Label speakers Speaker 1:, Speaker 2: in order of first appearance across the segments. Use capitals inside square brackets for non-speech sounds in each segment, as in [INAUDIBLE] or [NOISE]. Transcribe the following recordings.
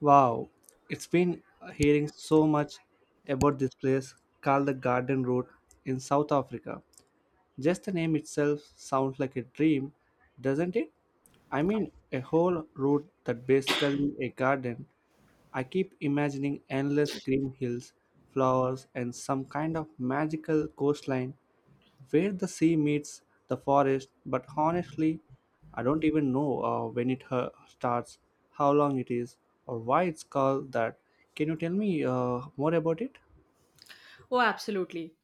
Speaker 1: Wow, it's been hearing so much about this place called the Garden Road in South Africa. Just the name itself sounds like a dream, doesn't it? I mean, a whole road that basically a garden. I keep imagining endless green hills, flowers, and some kind of magical coastline where the sea meets the forest, but honestly, I don't even know when it starts, how long it is, or why it's called that. Can you tell me more about it?
Speaker 2: Oh, absolutely.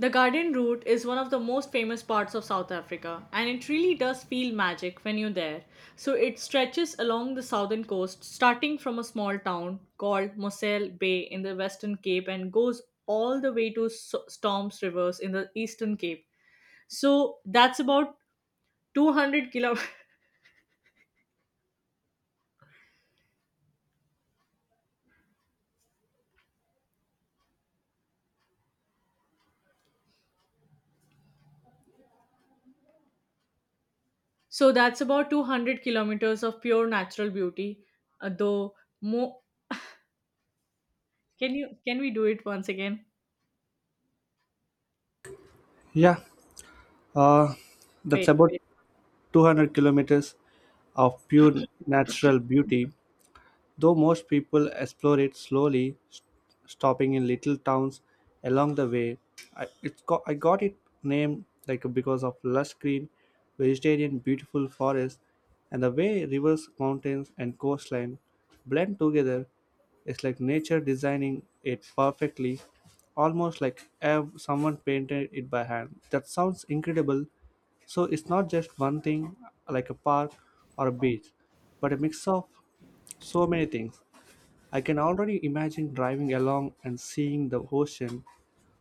Speaker 2: The garden route is one of the most famous parts of South Africa, and it really does feel magic when you're there. So, it stretches along the southern coast, starting from a small town called Moselle Bay in the Western Cape and goes all the way to Storms Rivers in the Eastern Cape. So, that's about 200 kilo. [LAUGHS] So, that's about 200 kilometers of pure natural beauty. Uh, though, mo- can you can we do it once again?
Speaker 1: Yeah, uh, that's
Speaker 2: Wait,
Speaker 1: about
Speaker 2: wait.
Speaker 1: 200 kilometers of pure natural beauty, though most people explore it slowly, stopping in little towns along the way. I got it named like because of lush green, vegetarian, beautiful forests, and the way rivers, mountains, and coastline blend together. It's like nature designing it perfectly, almost like someone painted it by hand. That sounds incredible. So it's not just one thing like a park or a beach, but a mix of so many things. I can already imagine driving along and seeing the ocean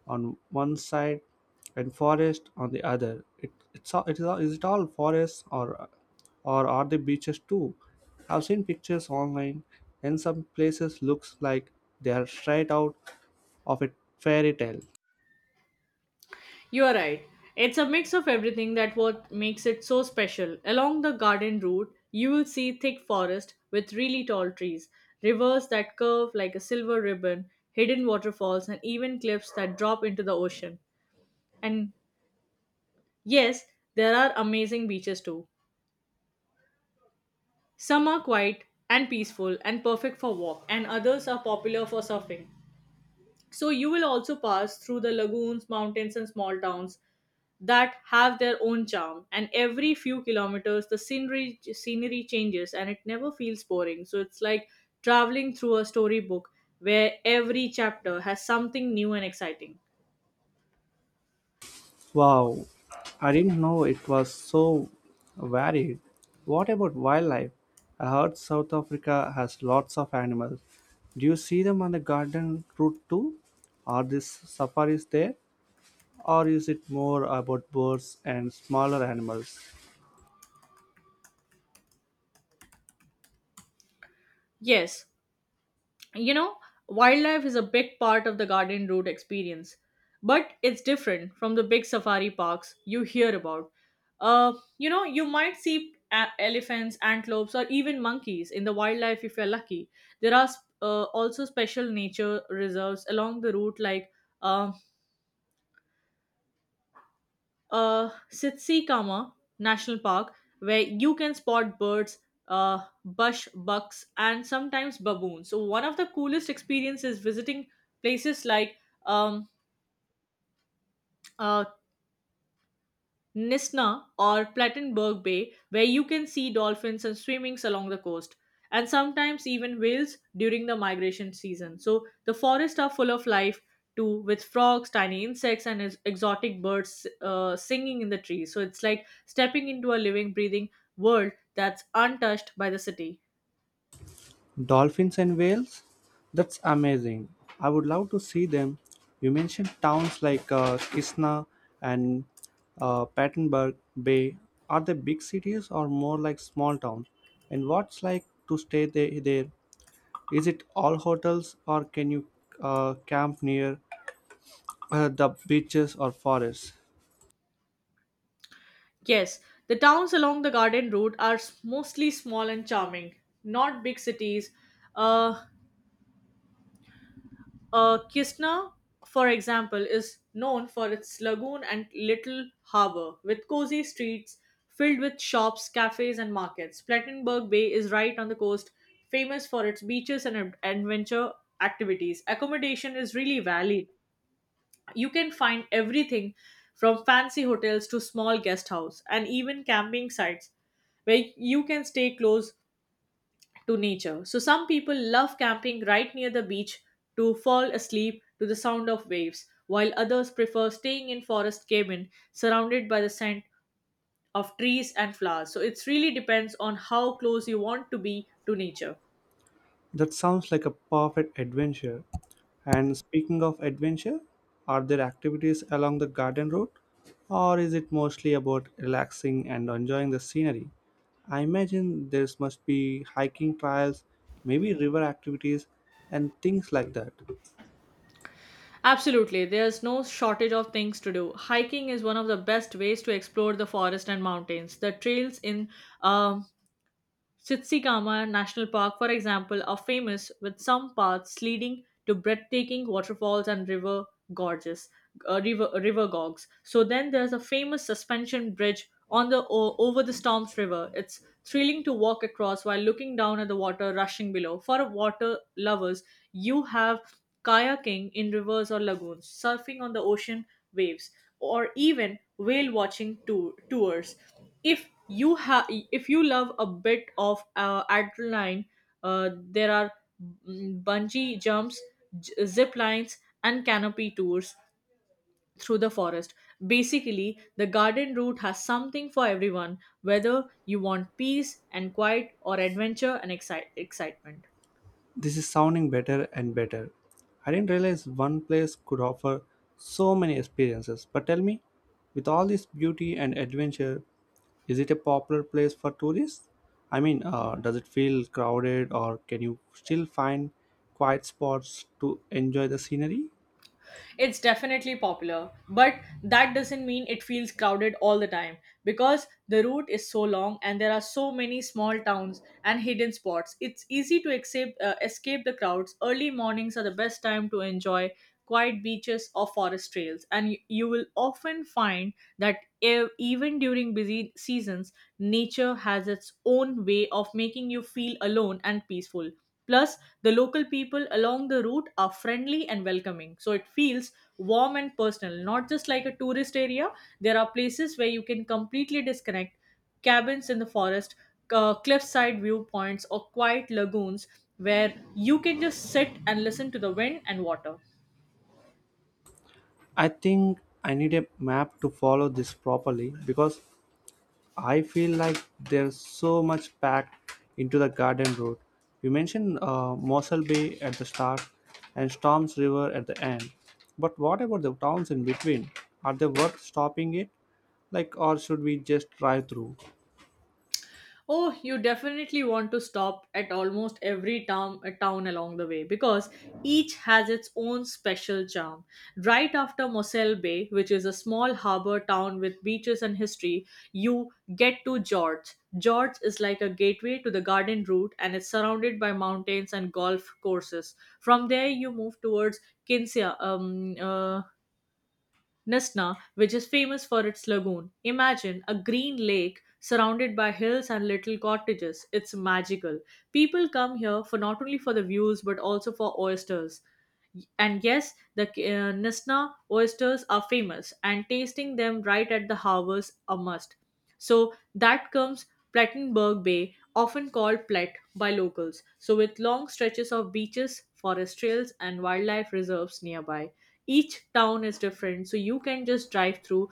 Speaker 1: on one side and forest on the other. It, it's all, it is, all, is it all forests or are the beaches too? I've seen pictures online and some places looks like they are straight out of a fairy tale.
Speaker 2: You are right. It's a mix of everything that what makes it so special. Along the garden route, you will see thick forest with really tall trees, rivers that curve like a silver ribbon, hidden waterfalls, and even cliffs that drop into the ocean. And yes, there are amazing beaches too. Some are quiet and peaceful and perfect for walk, and others are popular for surfing. So you will also pass through the lagoons, mountains, and small towns that have their own charm, and every few kilometers the scenery changes and it never feels boring, so it's like traveling through a storybook where every chapter has something new and exciting.
Speaker 1: Wow, I didn't know it was so varied. What about wildlife? I heard South Africa has lots of animals. Do you see them on the garden route too? Are these safaris there? Or is it more about birds and smaller animals?
Speaker 2: Yes, you know, wildlife is a big part of the garden route experience, but it's different from the big safari parks you hear about. Uh, you might see elephants, antelopes, or even monkeys in the wildlife if you're lucky. There are also special nature reserves along the route, like um Sitsikama National Park, where you can spot birds, uh, bush bucks, and sometimes baboons. So one of the coolest experiences visiting places like um, uh, Nisna or Plattenberg Bay, where you can see dolphins and swimmings along the coast, and sometimes even whales during the migration season. So the forests are full of life too, with frogs, tiny insects, and exotic birds singing in the trees. So it's like stepping into a living, breathing world that's untouched by the city.
Speaker 1: Dolphins and whales? That's amazing. I would love to see them. You mentioned towns like Kishna and Pattenberg Bay. Are they big cities or more like small town? And what's like to stay there? Is it all hotels or can you camp near the beaches or forests?
Speaker 2: Yes, the towns along the garden route are mostly small and charming, not big cities. Uh, Kisna, for example, is known for its lagoon and little harbor, with cozy streets filled with shops, cafes, and markets. Plattenberg Bay is right on the coast, famous for its beaches and adventure activities. Accommodation is really varied. You can find everything from fancy hotels to small guest house and even camping sites where you can stay close to nature. So some people love camping right near the beach to fall asleep to the sound of waves, while others prefer staying in forest cabin surrounded by the scent of trees and flowers. So it really depends on how close you want to be to nature.
Speaker 1: That sounds like a perfect adventure. And speaking of adventure, are there activities along the garden route? Or is it mostly about relaxing and enjoying the scenery? I imagine there must be hiking trails, maybe river activities, and things like that.
Speaker 2: Absolutely, there's no shortage of things to do. Hiking is one of the best ways to explore the forest and mountains. The trails in um, Satsayama National Park, for example, are famous, with some paths leading to breathtaking waterfalls and river gorges, river gorges. So then there's a famous suspension bridge on the over the Storms River. It's thrilling to walk across while looking down at the water rushing below. For water lovers, you have kayaking in rivers or lagoons, surfing on the ocean waves, or even whale watching tours. If you love a bit of adrenaline, there are bungee jumps, zip lines, and canopy tours through the forest. Basically, the garden route has something for everyone, whether you want peace and quiet or adventure and excitement.
Speaker 1: This is sounding better and better. I didn't realize one place could offer so many experiences. But tell me, with all this beauty and adventure, is it a popular place for tourists? I mean, does it feel crowded or can you still find quiet spots to enjoy the scenery?
Speaker 2: It's definitely popular, but that doesn't mean it feels crowded all the time because the route is so long and there are so many small towns and hidden spots. It's easy to escape the crowds. Early mornings are the best time to enjoy quiet beaches, or forest trails. And you will often find that even during busy seasons, nature has its own way of making you feel alone and peaceful. Plus, the local people along the route are friendly and welcoming. So it feels warm and personal, not just like a tourist area. There are places where you can completely disconnect, cabins in the forest, cliffside viewpoints, or quiet lagoons where you can just sit and listen to the wind and water.
Speaker 1: I think I need a map to follow this properly because I feel like there's so much packed into the garden road. You mentioned Mossel Bay at the start and Storms River at the end. But what about the towns in between? Are they worth stopping it? Like, or should we just drive through?
Speaker 2: Oh, you definitely want to stop at almost every town along the way because each has its own special charm. Right after Moselle Bay, which is a small harbor town with beaches and history, you get to George. George is like a gateway to the garden route and is surrounded by mountains and golf courses. From there, you move towards Kinsea, um, uh, Nesna, which is famous for its lagoon. Imagine a green lake surrounded by hills and little cottages. It's magical. People come here for not only for the views but also for oysters. And yes, the Nesna oysters are famous, and tasting them right at the harbour's a must. So that comes Plattenberg Bay, often called Plet by locals. So with long stretches of beaches, forest trails, and wildlife reserves nearby, each town is different, so you can just drive through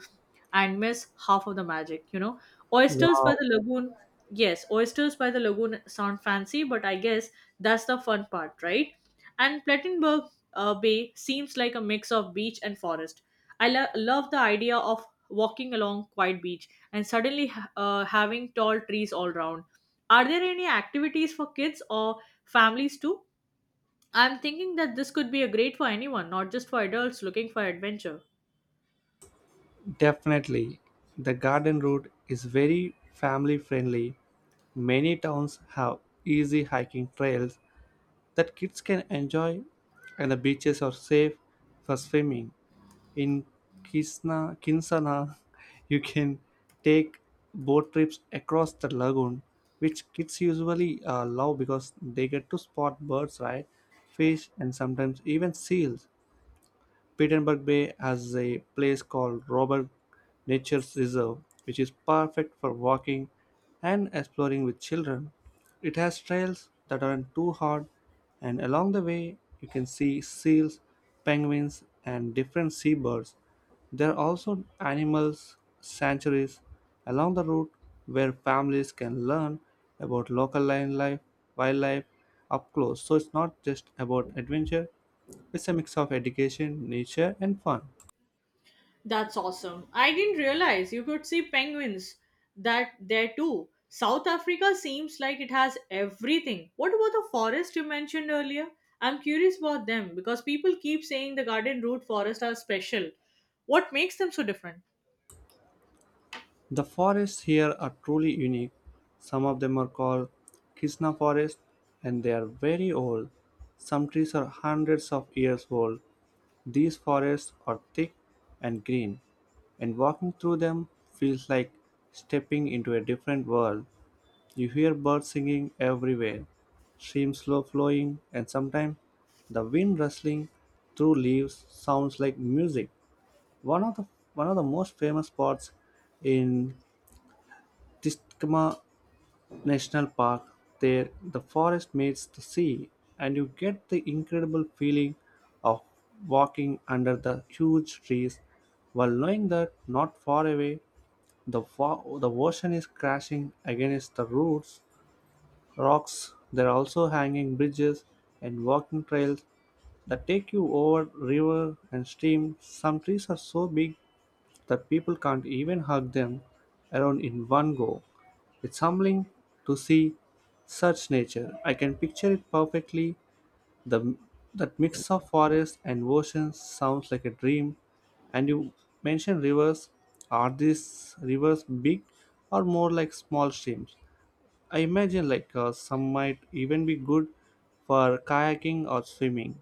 Speaker 2: and miss half of the magic, you know, oysters by
Speaker 1: Wow.
Speaker 2: the lagoon. Yes, oysters by the lagoon sound fancy, but I guess that's the fun part, right? And Plattenberg bay seems like a mix of beach and forest. I love the idea of walking along quiet beach and suddenly having tall trees all around. Are there any activities for kids or families too? I'm thinking that this could be a great for anyone, not just for adults looking for adventure.
Speaker 1: Definitely. The garden route is very family friendly. Many towns have easy hiking trails that kids can enjoy, and the beaches are safe for swimming. In Kinsana, [LAUGHS] you can take boat trips across the lagoon, which kids usually love because they get to spot birds, right? Fish, and sometimes even seals. Petenberg Bay has a place called Robert Nature Reserve, which is perfect for walking and exploring with children. It has trails that aren't too hard, and along the way, you can see seals, penguins, and different seabirds. There are also animals sanctuaries along the route where families can learn about local life, wildlife up close. So it's not just about adventure, it's a mix of education, nature, and fun.
Speaker 2: That's awesome. I didn't realize you could see penguins that there too. South Africa seems like it has everything. What about the forest you mentioned earlier? I'm curious about them because people keep saying the garden route forest are special. What makes them so different?
Speaker 1: The forests here are truly unique. Some of them are called Krishna forest and they are very old. Some trees are hundreds of years old. These forests are thick and green, and walking through them feels like stepping into a different world. You hear birds singing everywhere, streams slow flowing, and sometimes the wind rustling through leaves sounds like music. One of the one of the most famous spots in Tiscama National Park. There, the forest meets the sea, and you get the incredible feeling of walking under the huge trees, while knowing that not far away, the ocean is crashing against the rocks. There are also hanging bridges and walking trails that take you over river and stream. Some trees are so big that people can't even hug them around in one go. It's humbling to see such nature. I can picture it perfectly. The that mix of forest and oceans sounds like a dream. And you mentioned rivers. Are these rivers big or more like small streams? I imagine like some might even be good for kayaking or swimming.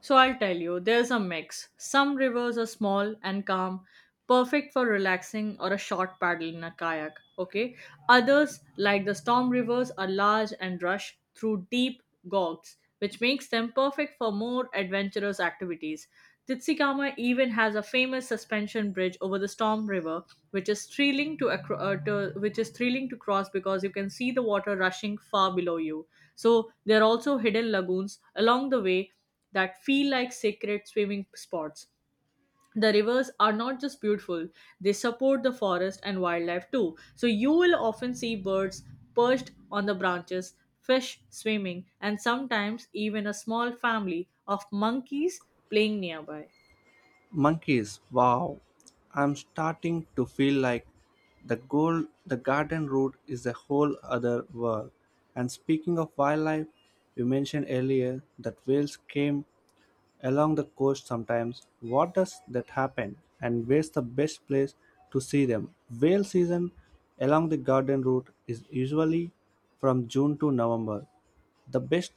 Speaker 2: So I'll tell you, there's a mix. Some rivers are small and calm, perfect for relaxing or a short paddle in a kayak, okay? Others, like the storm rivers, are large and rush through deep gorges, which makes them perfect for more adventurous activities. Titsikama even has a famous suspension bridge over the storm river, which is thrilling to, acro- to which is thrilling to cross because you can see the water rushing far below you. So there are also hidden lagoons along the way that feel like sacred swimming spots. The rivers are not just beautiful, they support the forest and wildlife too. So you will often see birds perched on the branches, fish swimming, and sometimes even a small family of monkeys playing nearby.
Speaker 1: Monkeys, wow. I'm starting to feel like the garden route is a whole other world. And speaking of wildlife, you mentioned earlier that whales came along the coast sometimes. What does that happen? And where's the best place to see them? Whale season along the garden route is usually from June to November. The best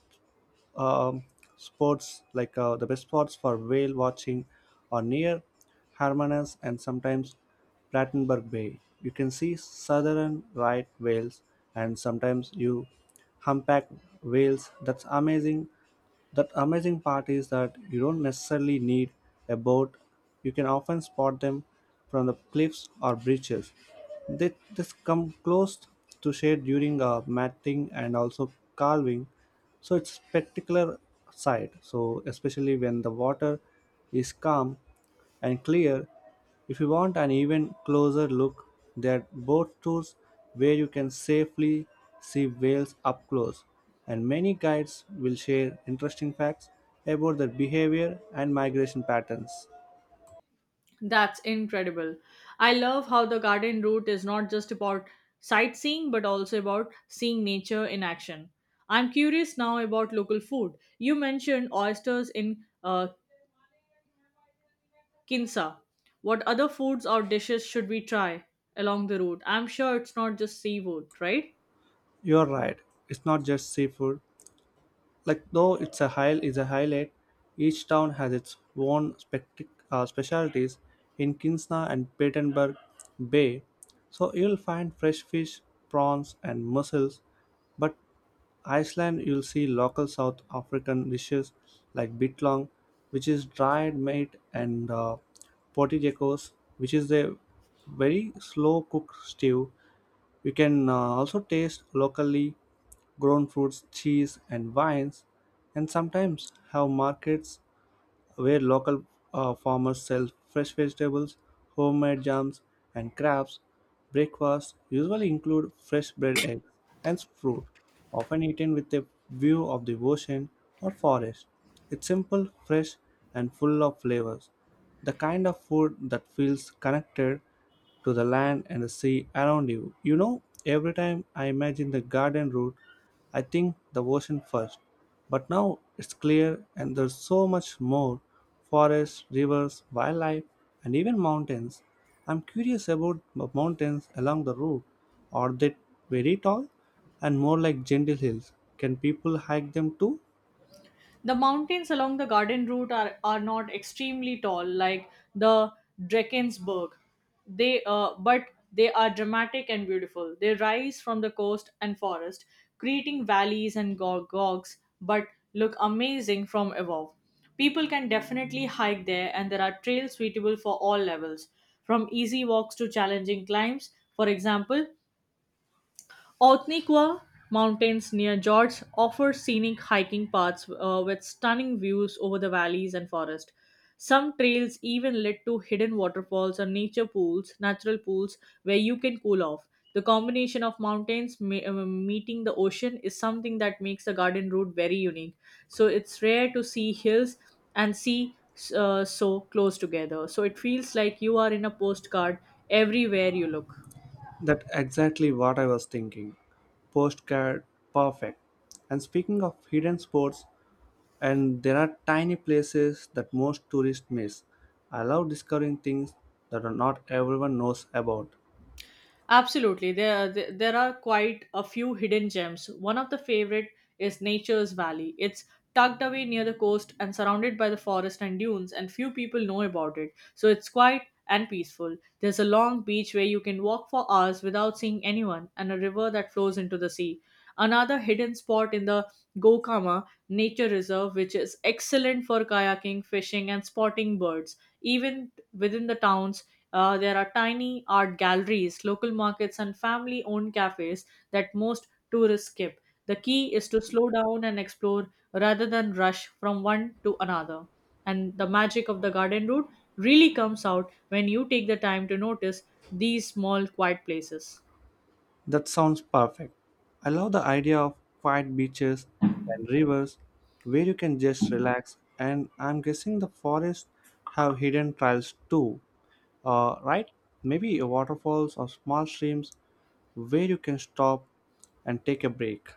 Speaker 1: um, spots like the best spots for whale watching are near Hermanus and sometimes Plattenberg Bay. You can see southern right whales and sometimes you humpback whales. That's amazing. That amazing part is that you don't necessarily need a boat. You can often spot them from the cliffs or beaches. They just come close to shade during matting and also calving. So it's spectacular sight. So especially when the water is calm and clear, if you want an even closer look, there are boat tours where you can safely see whales up close, and many guides will share interesting facts about their behavior and migration patterns.
Speaker 2: That's incredible. I love how the garden route is not just about sightseeing but also about seeing nature in action. I'm curious now about local food. You mentioned oysters in Kinsa, what other foods or dishes should we try along the route? I'm sure it's not just seafood, right?
Speaker 1: You're right, it's not just seafood, like though it's a highlight. Each town has its own specialties in kinsna and Battenberg bay, so you'll find fresh fish, prawns and mussels, but iceland you'll see local south african dishes like bitlong, which is dried meat, and potijekos, which is a very slow cooked stew. You can also taste locally grown fruits, cheese, and wines, and sometimes have markets where local farmers sell fresh vegetables, homemade jams, and crafts. Breakfasts usually include fresh bread, eggs, and fruit, often eaten with a view of the ocean or forest. It's simple, fresh, and full of flavors. The kind of food that feels connected to the land and the sea around you. Every time I imagine the garden route, I think the ocean first. But now it's clear and there's so much more: forests, rivers, wildlife, and even mountains. I'm curious about the mountains along the route. Are they very tall and more like gentle hills? Can people hike them too?
Speaker 2: The mountains along the garden are not extremely tall like the Drakensberg. They uh, but they are dramatic and beautiful. They rise from the coast and forest, creating valleys and gogs, but look amazing from above. People can definitely hike there, and there are trails suitable for all levels, from easy walks to challenging climbs. For example, Otniqua Mountains near George offer scenic hiking paths with stunning views over the valleys and forest. Some trails even lead to hidden waterfalls or natural pools where you can cool off. The combination of meeting the ocean is something that makes the garden route very unique. So it's rare to see hills and sea so close together. So it feels like you are in a postcard everywhere you look.
Speaker 1: That's exactly what I was thinking: postcard perfect. And speaking of hidden spots, and there are tiny places that most tourists miss. I love discovering things that are not everyone knows about.
Speaker 2: Absolutely. There are quite a few hidden gems. One of the favorite is Nature's Valley. It's tucked away near the coast and surrounded by the forest and dunes, and few people know about it. So it's quiet and peaceful. There's a long beach where you can walk for hours without seeing anyone, and a river that flows into the sea. Another hidden spot in the Gokama Nature Reserve, which is excellent for kayaking, fishing, and spotting birds. Even within the towns, there are tiny art galleries, local markets, and family owned cafes that most tourists skip. The key is to slow down and explore rather than rush from one to another. And the magic of the garden route really comes out when you take the time to notice these small, quiet places.
Speaker 1: That sounds perfect. I love the idea of quiet beaches and rivers where you can just relax, and I'm guessing the forests have hidden trails too. Right? Maybe waterfalls or small streams where you can stop and take a break.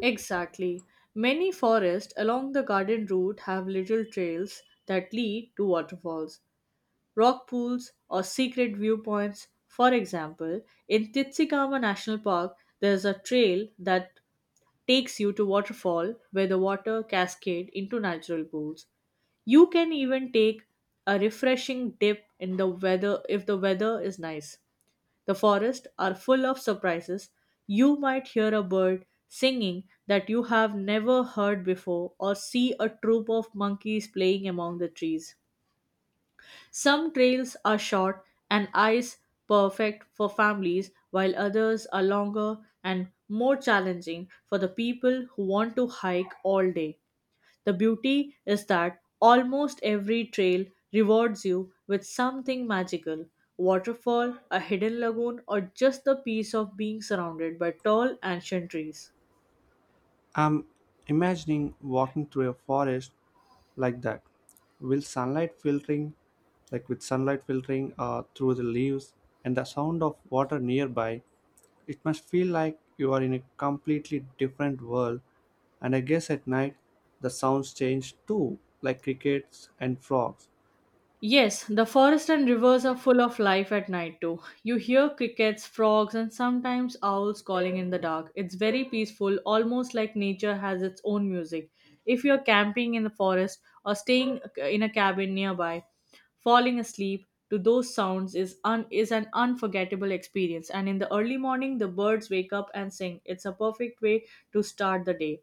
Speaker 2: Exactly. Many forests along the garden route have little trails that lead to waterfalls, rock pools, or secret viewpoints. For example, in Titsikama National Park, there's a trail that takes you to waterfall where the water cascade into natural pools. You can even take a refreshing dip in the weather if the weather is nice. The forests are full of surprises. You might hear a bird singing that you have never heard before or see a troop of monkeys playing among the trees. Some trails are short and ice perfect for families, while others are longer and more challenging for the people who want to hike all day. The beauty is that almost every trail rewards you with something magical waterfall, a hidden lagoon, or just the peace of being surrounded by tall ancient trees.
Speaker 1: I'm imagining walking through a forest like that. Will sunlight filtering, like with sunlight filtering through the leaves and the sound of water nearby, it must feel like you are in a completely different world. And I guess at night the sounds change too, like crickets and frogs.
Speaker 2: Yes, the forest and rivers are full of life at night too. You hear crickets, frogs, and sometimes owls calling in the dark. It's very peaceful, almost like nature has its own music. If you're camping in the forest or staying in a cabin nearby, falling asleep to those sounds is an unforgettable experience. And in the early morning, the birds wake up and sing. It's a perfect way to start the day.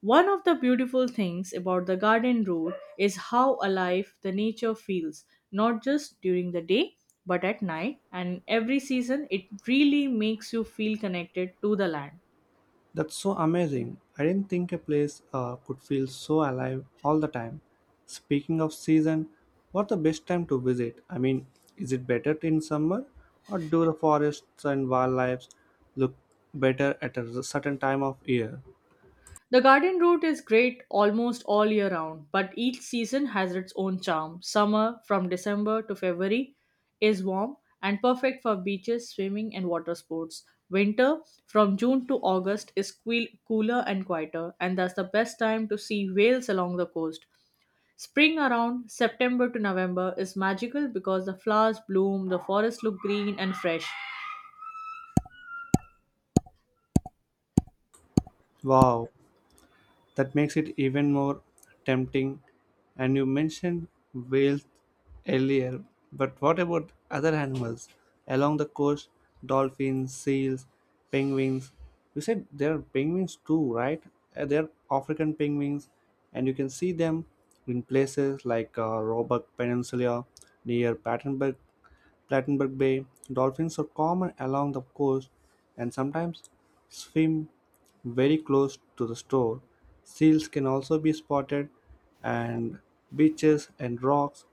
Speaker 2: One of the beautiful things about the garden road is how alive the nature feels, not just during the day, but at night and every season. It really makes you feel connected to the land.
Speaker 1: That's so amazing. I didn't think a place could feel so alive all the time. Speaking of season, what's the best time to visit? I mean, is it better in summer or do the forests and wildlife look better at a certain time of year?
Speaker 2: The garden route is great almost all year round, but each season has its own charm. Summer, from December to February, is warm and perfect for beaches, swimming, and water sports. Winter, from June to August, is cooler and quieter, and that's the best time to see whales along the coast. Spring around September to November is magical because the flowers bloom, the forests look green and fresh.
Speaker 1: Wow, that makes it even more tempting. And you mentioned whales earlier, but what about other animals along the coast? Dolphins, seals, penguins. You said there are penguins too, right? There are African penguins, and you can see them in places like Roebuck Peninsula near Battenberg Plattenberg Bay. Dolphins are common along the coast and sometimes swim very close to the shore. Seals can also be spotted and beaches and rocks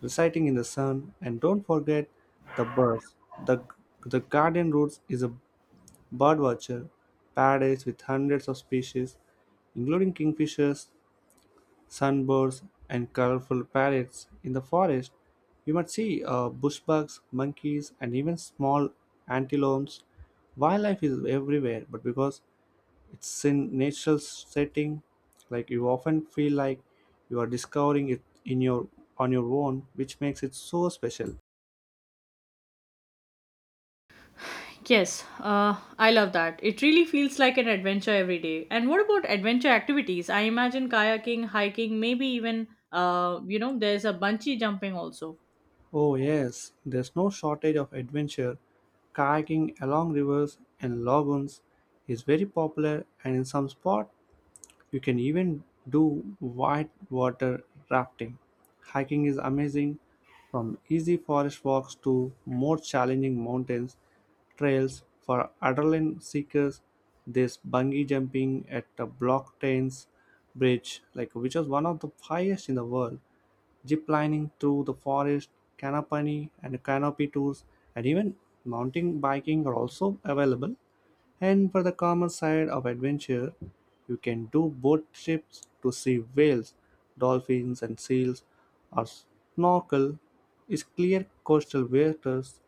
Speaker 1: reciting in the sun, and don't forget the birds. The Guardian Roots is a birdwatcher paradise with hundreds of species including kingfishers, sunbirds, and colorful parrots in the forest. You might see bushbucks, monkeys, and even small antelopes. Wildlife is everywhere, but because it's in natural setting, like you often feel like you are discovering it in your on your own, which makes it so special.
Speaker 2: Yes, I love that. It really feels like an adventure every day. And what about adventure activities? I imagine kayaking, hiking, maybe even, there's a bungee jumping also.
Speaker 1: Oh yes, there's no shortage of adventure. Kayaking along rivers and lagoons is very popular, and in some spots, you can even do whitewater rafting. Hiking is amazing, from easy forest walks to more challenging mountains trails for adrenaline seekers. There's bungee jumping at the Block Trains Bridge, like which is one of the highest in the world. Zip lining through the forest, canopy tours, and even mountain biking are also available. And for the calmer side of adventure, you can do boat trips to see whales, dolphins, and seals, or snorkel is clear coastal waters.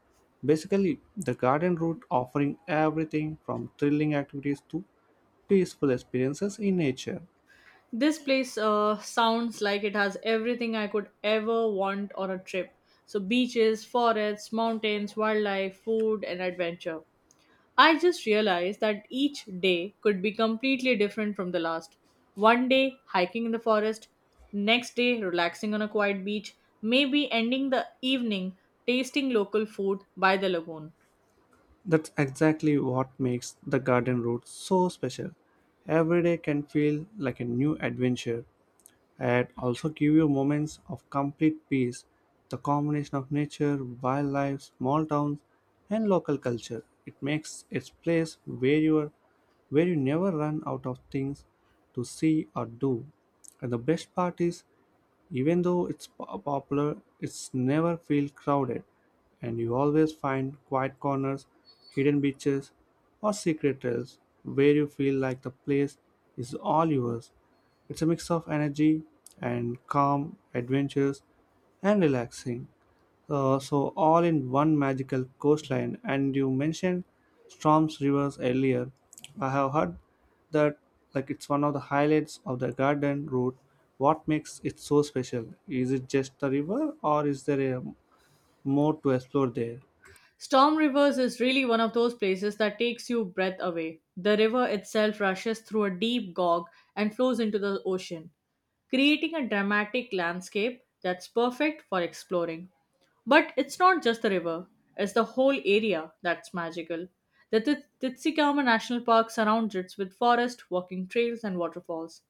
Speaker 1: Basically, the garden route offering everything from thrilling activities to peaceful experiences in nature.
Speaker 2: This place sounds like it has everything I could ever want on a trip. So, beaches, forests, mountains, wildlife, food, and adventure. I just realized that each day could be completely different from the last. One day hiking in the forest, next day relaxing on a quiet beach, maybe ending the evening tasting local food by the lagoon.
Speaker 1: That's exactly what makes the garden route so special. Every day can feel like a new adventure. It also gives you moments of complete peace. The combination of nature, wildlife, small towns, and local culture. It makes its place where you are, where you never run out of things to see or do. And the best part is, even though it's popular, it's never feel crowded, and you always find quiet corners, hidden beaches, or secret trails where you feel like the place is all yours. It's a mix of energy and calm, adventures, and relaxing. So all in one magical coastline. And you mentioned Storms Rivers earlier. I have heard that like it's one of the highlights of the garden route. What makes it so special? Is it just the river or is there a more to explore there?
Speaker 2: Storm Rivers is really one of those places that takes your breath away. The river itself rushes through a deep gorge and flows into the ocean, creating a dramatic landscape that's perfect for exploring. But it's not just the river, it's the whole area that's magical. The Titsikawa National Park surrounds it with forest, walking trails, and waterfalls.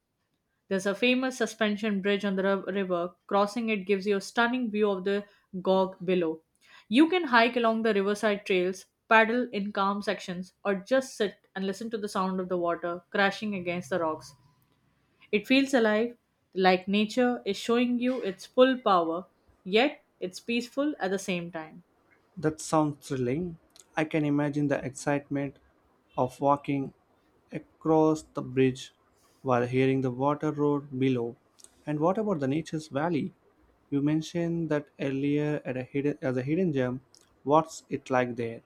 Speaker 2: There's a famous suspension bridge on the river. Crossing it gives you a stunning view of the Gog below. You can hike along the riverside trails, paddle in calm sections, or just sit and listen to the sound of the water crashing against the rocks. It feels alive, like nature is showing you its full power, yet it's peaceful at the same time.
Speaker 1: That sounds thrilling. I can imagine the excitement of walking across the bridge while hearing the water roar below. And what about the nature's valley? You mentioned that earlier at a hidden, as a hidden gem. What's it like there?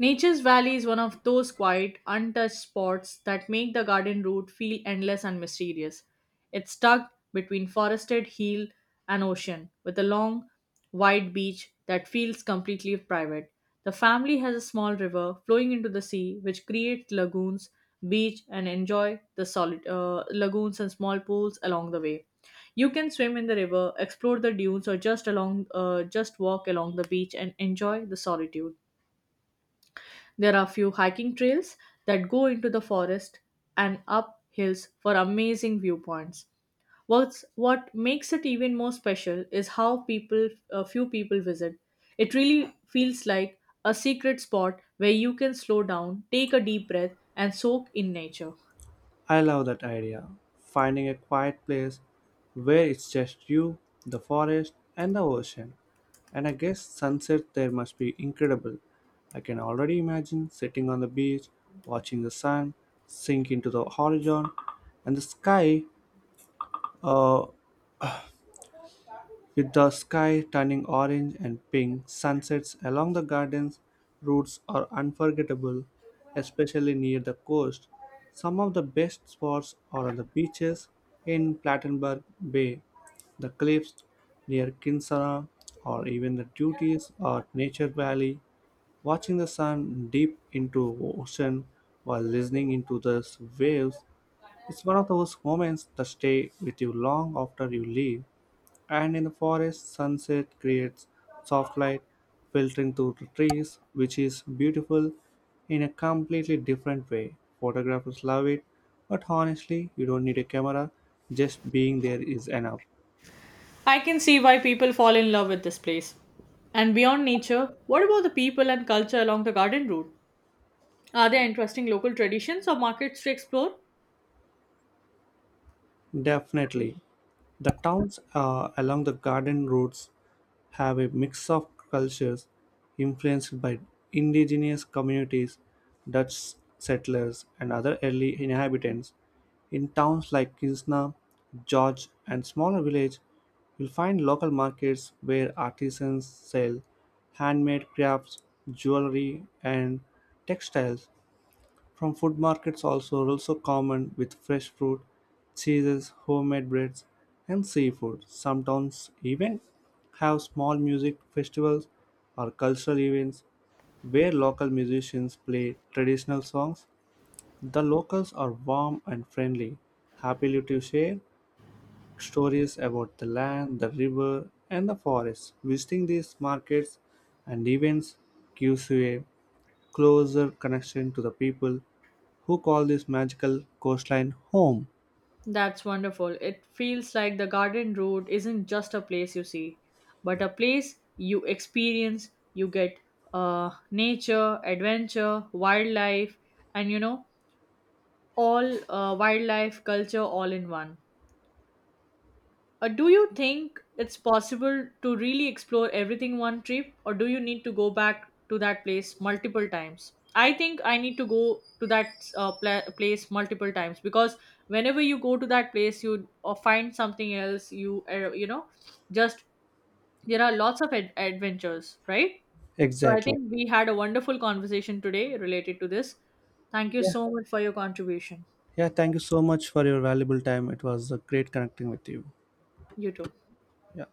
Speaker 2: Nature's Valley is one of those quiet, untouched spots that make the garden route feel endless and mysterious. It's tucked between forested hill and ocean, with a long, wide beach that feels completely private. The family has a small river flowing into the sea, which creates lagoons, beach, and enjoy the solid lagoons and small pools along the way. You can swim in the river, explore the dunes, or just walk along the beach and enjoy the solitude. There are few hiking trails that go into the forest and up hills for amazing viewpoints. What makes it even more special is how a few people visit. It really feels like a secret spot where you can slow down, take a deep breath, and soak in nature.
Speaker 1: I love that idea. Finding a quiet place where it's just you, the forest, and the ocean. And I guess sunset there must be incredible. I can already imagine sitting on the beach, watching the sun sink into the horizon, and the sky uh, with the sky turning orange and pink, sunsets along the garden's routes are unforgettable, especially near the coast. Some of the best spots are on the beaches in Plattenberg Bay, the cliffs near Kinsara, or even the duties at Nature Valley, watching the sun deep into ocean while listening into the waves. It's one of those moments that stay with you long after you leave. And in the forest, sunset creates soft light filtering through the trees, which is beautiful in a completely different way. Photographers love it, but honestly you don't need a camera, just being there is enough.
Speaker 2: I can see why people fall in love with this place. And beyond nature, what about the people and culture along the garden route? Are there interesting local traditions or markets to explore?
Speaker 1: Definitely. The towns along the garden routes have a mix of cultures influenced by indigenous communities, Dutch settlers, and other early inhabitants. In towns like Kinsna, George, and smaller village, you'll find local markets where artisans sell handmade crafts, jewelry, and textiles. From food markets also are also common with fresh fruit, cheeses, homemade breads, and seafood. Some towns even have small music festivals or cultural events where local musicians play traditional songs. The locals are warm and friendly, happily to share stories about the land, the river, and the forest. Visiting these markets and events gives you a closer connection to the people who call this magical coastline home.
Speaker 2: That's wonderful. It feels like the garden Road isn't just a place you see, but a place you experience. You get nature, adventure, wildlife, and all wildlife culture all in one. Do you think it's possible to really explore everything one trip, or do you need to go back to that place multiple times? I think I need to go to that place multiple times because whenever you go to that place, you or find something else. You you know, just There are lots of adventures, right? So I
Speaker 1: Exactly.
Speaker 2: think we had a wonderful conversation today related to this. Thank you
Speaker 1: Yeah,
Speaker 2: so much for your contribution.
Speaker 1: yeah, thank you so much for your valuable time. It was a great connecting with you.
Speaker 2: You too.
Speaker 1: Yeah.